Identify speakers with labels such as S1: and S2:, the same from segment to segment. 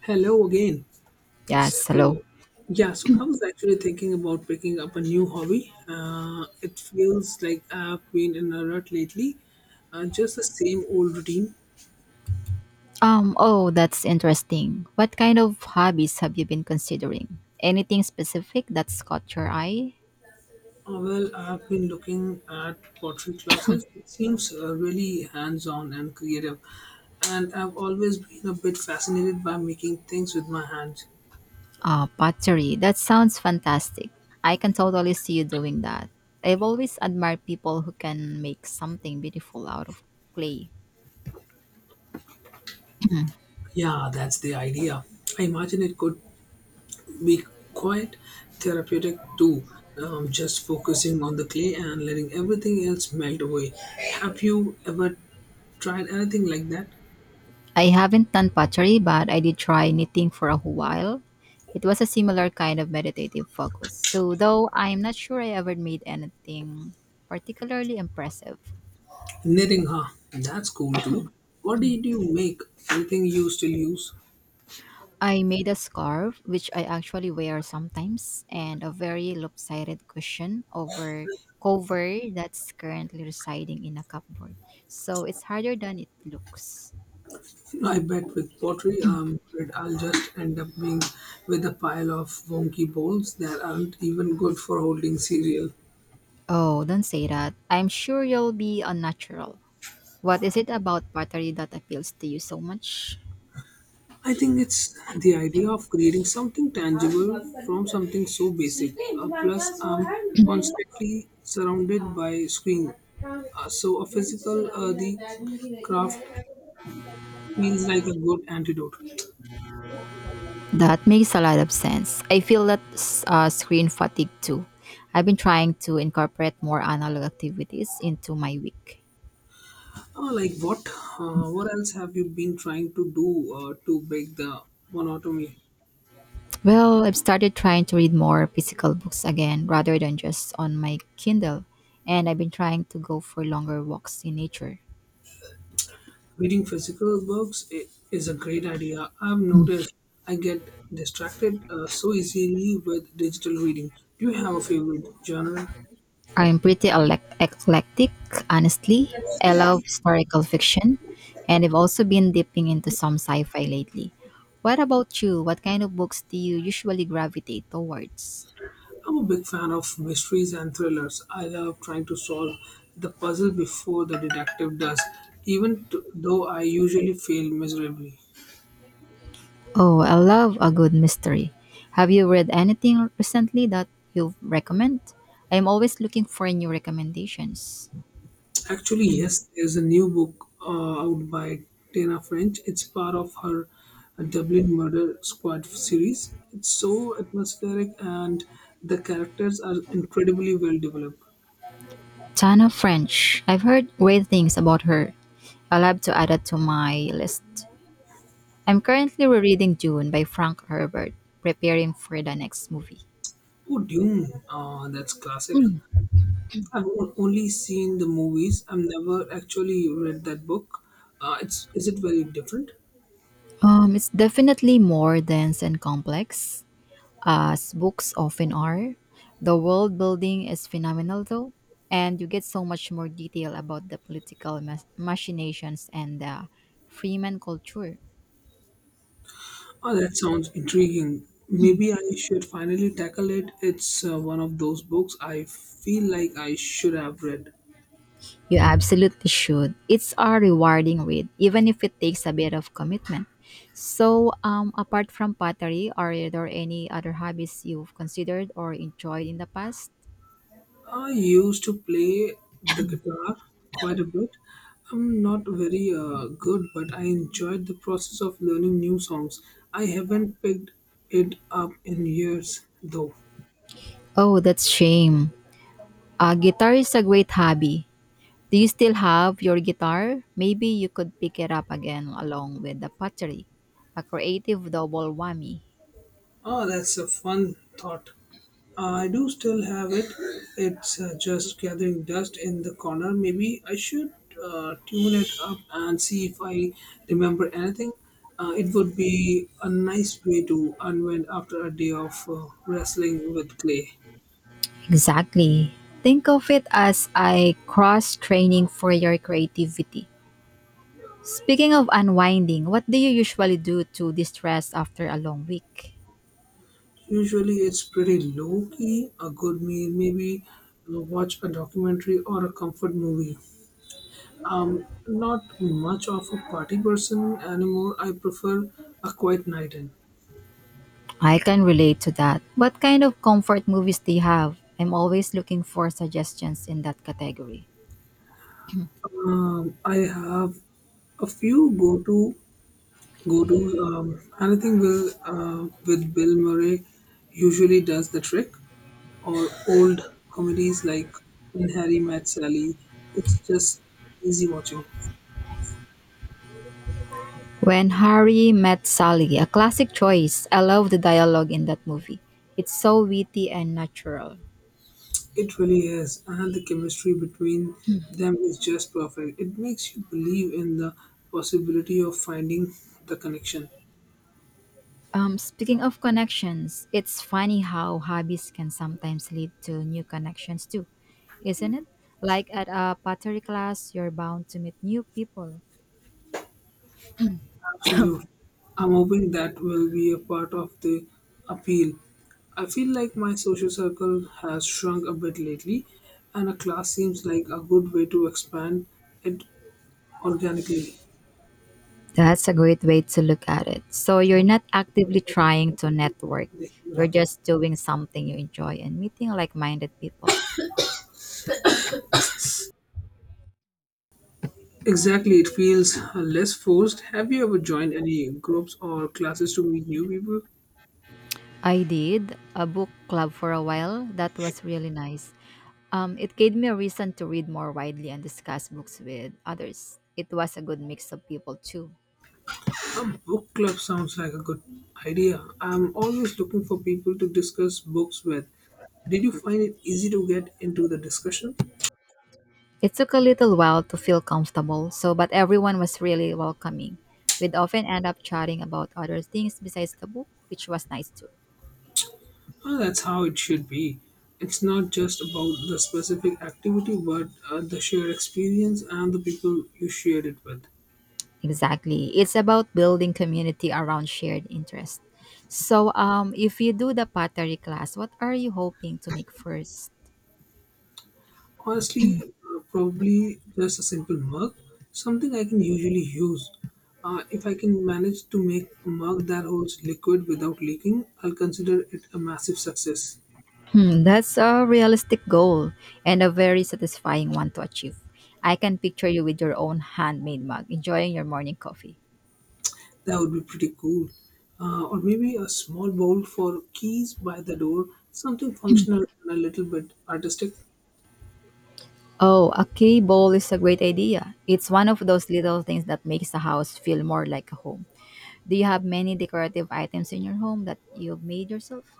S1: Hello again.
S2: Yes, hello.
S1: So, yeah, so I was actually thinking about picking up a new hobby. It feels like I've been in a rut lately, just the same old routine.
S2: Oh, that's interesting. What kind of hobbies have you been considering? Anything specific that's caught your eye?
S1: I've been looking at pottery classes. It seems really hands on and creative. And I've always been a bit fascinated by making things with my hands.
S2: Ah, pottery. That sounds fantastic. I can totally see you doing that. I've always admired people who can make something beautiful out of clay.
S1: Yeah, that's the idea. I imagine it could be quite therapeutic too. Just focusing on the clay and letting everything else melt away. Have you ever tried anything like that?
S2: I haven't done pottery, but I did try knitting for a while. It was a similar kind of meditative focus. So, though I'm not sure I ever made anything particularly impressive.
S1: Knitting, huh? That's cool too. What did you make? Anything you still use?
S2: I made a scarf, which I actually wear sometimes, and a very lopsided cushion over cover that's currently residing in a cupboard. So it's harder than it looks.
S1: I bet with pottery, I'll just end up being with a pile of wonky bowls that aren't even good for holding cereal.
S2: Oh, don't say that. I'm sure you'll be unnatural. What is it about pottery that appeals to you so much?
S1: I think it's the idea of creating something tangible from something so basic. Plus, I'm constantly surrounded by screen, so a physical the craft feels like a good antidote.
S2: That makes a lot of sense. I feel that screen fatigue too. I've been trying to incorporate more analog activities into my week.
S1: Like what? What else have you been trying to do to break the monotony?
S2: Well, I've started trying to read more physical books again rather than just on my Kindle, and I've been trying to go for longer walks in nature.
S1: Reading physical books is a great idea. I've noticed I get distracted so easily with digital reading. Do you have a favorite genre?
S2: I'm pretty eclectic, honestly. I love historical fiction, and I've also been dipping into some sci fi lately. What about you? What kind of books do you usually gravitate towards?
S1: I'm a big fan of mysteries and thrillers. I love trying to solve the puzzle before the detective does, even though I usually fail miserably.
S2: Oh, I love a good mystery. Have you read anything recently that you recommend? I'm always looking for new recommendations.
S1: Actually, yes, there's a new book out by Tana French. It's part of her Dublin Murder Squad series. It's so atmospheric and the characters are incredibly well developed.
S2: Tana French. I've heard great things about her. I'll have to add that to my list. I'm currently rereading Dune by Frank Herbert, preparing for the next movie.
S1: Oh, Dune, that's classic. I've only seen the movies. I've never actually read that book. It's Is it very different?
S2: It's definitely more dense and complex, as books often are. The world building is phenomenal, though, and you get so much more detail about the political machinations and the Freeman culture.
S1: Oh, that sounds intriguing. Maybe I should finally tackle it. It's one of those books I feel like I should have read.
S2: You absolutely should. It's a rewarding read, even if it takes a bit of commitment. So, apart from pottery, are there any other hobbies you've considered or enjoyed in the past?
S1: I used to play the guitar quite a bit. I'm not very good, but I enjoyed the process of learning new songs. I haven't picked it up in years, though.
S2: Oh, that's shame. Guitar is a great hobby. Do you still have your guitar? Maybe you could pick it up again along with the pottery. A creative double whammy.
S1: Oh, that's a fun thought. I do still have it. It's just gathering dust in the corner. Maybe I should tune it up and see if I remember anything. It would be a nice way to unwind after a day of wrestling with clay.
S2: Exactly. Think of it as a cross training for your creativity. Speaking of unwinding, what do you usually do to distress after a long week?
S1: Usually, it's pretty low key. A good meal, maybe watch a documentary or a comfort movie. Not much of a party person anymore. I prefer a quiet night in.
S2: I can relate to that. What kind of comfort movies do you have? I'm always looking for suggestions in that category.
S1: I have a few go-tos. Anything will with Bill Murray usually does the trick, or old comedies like When Harry Met Sally. It's just easy watching.
S2: When Harry Met Sally, a classic choice. I love the dialogue in that movie. It's so witty and natural.
S1: It really is, and the chemistry between them is just perfect. It makes you believe in the possibility of finding the connection.
S2: Speaking of connections, it's funny how hobbies can sometimes lead to new connections too, isn't it? Like at a pottery class, you're bound to meet new people.
S1: Absolutely. I'm hoping that will be a part of the appeal. I feel like my social circle has shrunk a bit lately, and a class seems like a good way to expand it organically.
S2: That's a great way to look at it. So you're not actively trying to network. You're just doing something you enjoy and meeting like minded people.
S1: Exactly, it feels less forced. Have you ever joined any groups or classes to meet new people?
S2: I did a book club for a while. That was really nice. It gave me a reason to read more widely and discuss books with others. It was a good mix of people too.
S1: A book club sounds like a good idea. I'm always looking for people to discuss books with. Did you find it easy to get into the discussion?
S2: It took a little while to feel comfortable, so but everyone was really welcoming. We'd often end up chatting about other things besides the book, which was nice too.
S1: Well, that's how it should be. It's not just about the specific activity, but the shared experience and the people you shared it with.
S2: Exactly. It's about building community around shared interests. So, if you do the pottery class, what are you hoping to make first?
S1: Honestly, probably just a simple mug, something I can usually use. If I can manage to make a mug that holds liquid without leaking, I'll consider it a massive success.
S2: Hmm, that's a realistic goal and a very satisfying one to achieve. I can picture you with your own handmade mug, enjoying your morning coffee.
S1: That would be pretty cool. Or maybe a small bowl for keys by the door, something functional and a little bit artistic.
S2: Oh, a key bowl is a great idea. It's one of those little things that makes a house feel more like a home. Do you have many decorative items in your home that you've made yourself?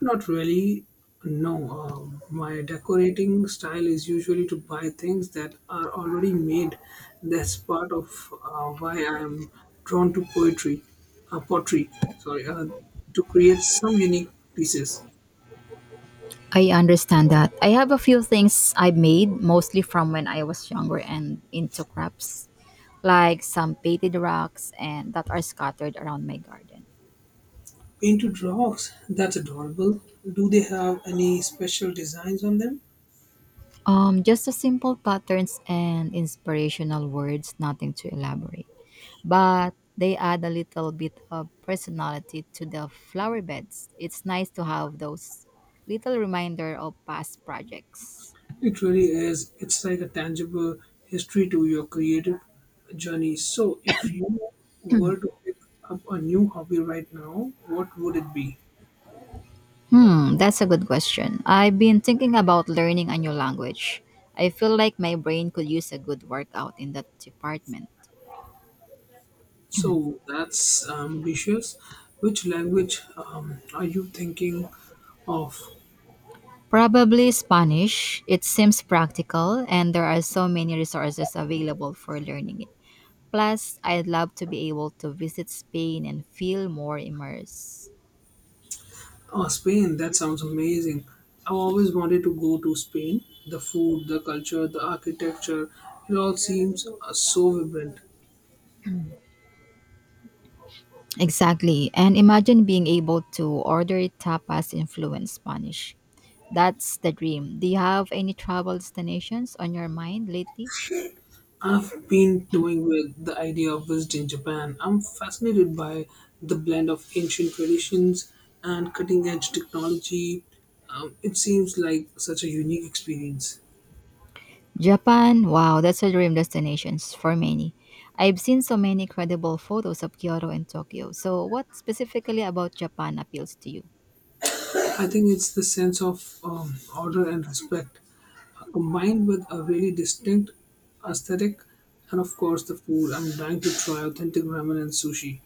S1: Not really. No, my decorating style is usually to buy things that are already made. That's part of why I am drawn to pottery. Sorry, to create some unique pieces.
S2: I understand that. I have a few things I made mostly from when I was younger and into crafts, like some painted rocks and that are scattered around my garden.
S1: Painted rocks. That's adorable. Do they have any special designs on them?
S2: Just the simple patterns and inspirational words, nothing to elaborate. But they add a little bit of personality to the flower beds. It's nice to have those little reminder of past projects.
S1: It really is. It's like a tangible history to your creative journey. So, if you were to pick up a new hobby right now, what would it be?
S2: Hmm, that's a good question. I've been thinking about learning a new language. I feel like my brain could use a good workout in that department.
S1: So, that's ambitious. Which language are you thinking of?
S2: Probably Spanish. It seems practical, and there are so many resources available for learning it. Plus, I'd love to be able to visit Spain and feel more immersed.
S1: Oh, Spain. That sounds amazing. I've always wanted to go to Spain. The food, the culture, the architecture, it all seems so vibrant.
S2: Exactly. And imagine being able to order tapas in fluent Spanish. That's the dream. Do you have any travel destinations on your mind lately?
S1: I've been toying with the idea of visiting Japan. I'm fascinated by the blend of ancient traditions and cutting edge technology. It seems like such a unique experience.
S2: Japan, wow, that's a dream destination for many. I've seen so many incredible photos of Kyoto and Tokyo. So, what specifically about Japan appeals to you?
S1: I think it's the sense of order and respect combined with a really distinct aesthetic and, of course, the food. I'm dying to try authentic ramen and sushi.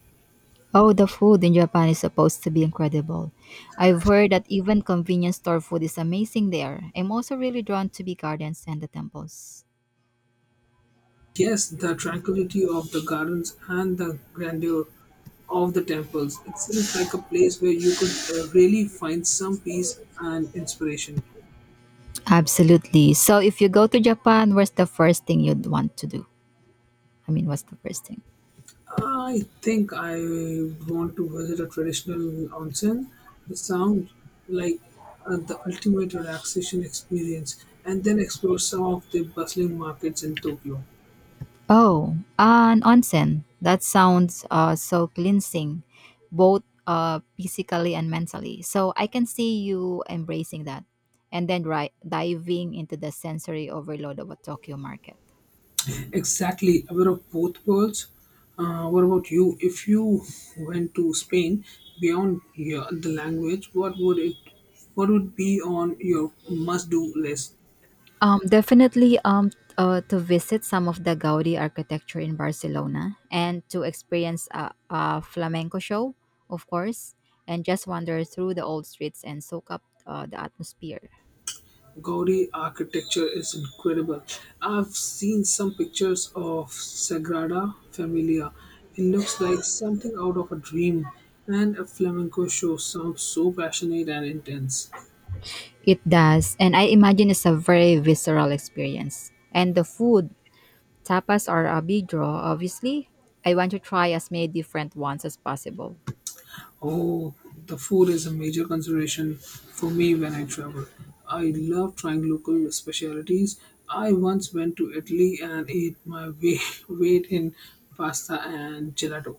S2: Oh, the food in Japan is supposed to be incredible. I've heard that even convenience store food is amazing there. I'm also really drawn to the gardens and the temples.
S1: Yes, the tranquility of the gardens and the grandeur of the temples. It seems like a place where you could really find some peace and inspiration.
S2: Absolutely. So, if you go to Japan, what's the first thing you'd want to do? I mean, what's the first thing?
S1: I think I want to visit a traditional onsen. It sounds like the ultimate relaxation experience, and then explore some of the bustling markets in Tokyo.
S2: Oh, an onsen. That sounds so cleansing, both physically and mentally. So I can see you embracing that and then right, diving into the sensory overload of a Tokyo market.
S1: Exactly, aware of both worlds. What about you? If you went to Spain beyond the language, what would it? What would be on your must-do list?
S2: Definitely to visit some of the Gaudi architecture in Barcelona and to experience a flamenco show, of course, and just wander through the old streets and soak up the atmosphere.
S1: Gaudi architecture is incredible. I've seen some pictures of Sagrada Familia. It looks like something out of a dream, and a flamenco show sounds so passionate and intense.
S2: It does, and I imagine it's a very visceral experience. And the food, tapas are a big draw, obviously. I want to try as many different ones as possible.
S1: Oh, the food is a major consideration for me when I travel. I love trying local specialties. I once went to Italy and ate my way, weight in pasta and gelato.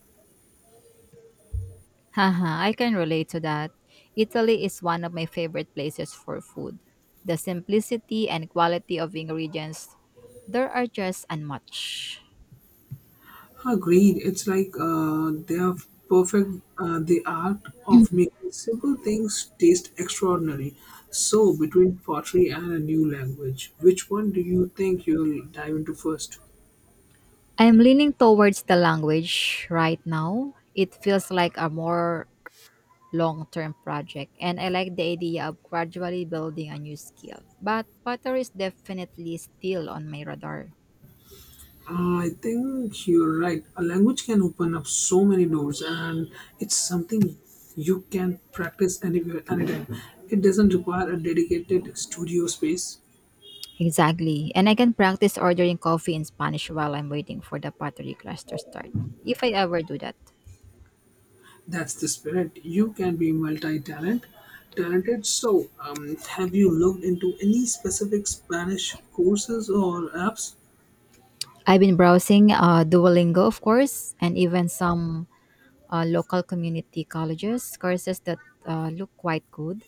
S2: Haha, I can relate to that. Italy is one of my favorite places for food. The simplicity and quality of ingredients there are just unmatched.
S1: Agreed. It's like they are perfect. The art of making simple things taste extraordinary. So, between pottery and a new language, which one do you think you'll dive into first?
S2: I'm leaning towards the language right now. It feels like a more long-term project and I like the idea of gradually building a new skill. But pottery is definitely still on my radar.
S1: I think you're right. A language can open up so many doors, and it's something you can practice anywhere, anytime. It doesn't require a dedicated studio space.
S2: Exactly. And I can practice ordering coffee in Spanish while I'm waiting for the pottery class to start. If I ever do that.
S1: That's the spirit. You can be talented. So, have you looked into any specific Spanish courses or apps?
S2: I've been browsing Duolingo, of course, and even some local community colleges courses that look quite good.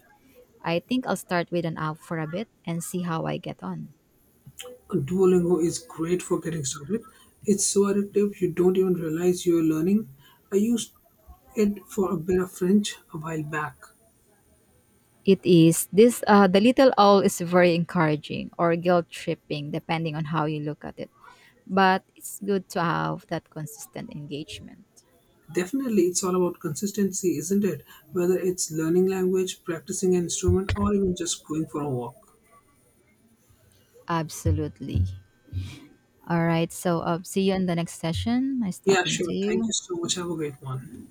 S2: I think I'll start with an app for a bit and see how I get on.
S1: Duolingo is great for getting started. It's so addictive you don't even realize you're learning. I used it for a bit of French a while back.
S2: It is. This the little owl is very encouraging or guilt tripping, depending on how you look at it. But it's good to have that consistent engagement.
S1: Definitely, it's all about consistency, isn't it? Whether it's learning language, practicing an instrument, or even just going for a walk.
S2: Absolutely. All right. So see you in the next session. Nice
S1: Yeah,
S2: talking
S1: sure.
S2: to
S1: Thank you
S2: you.
S1: so much. Have a great one.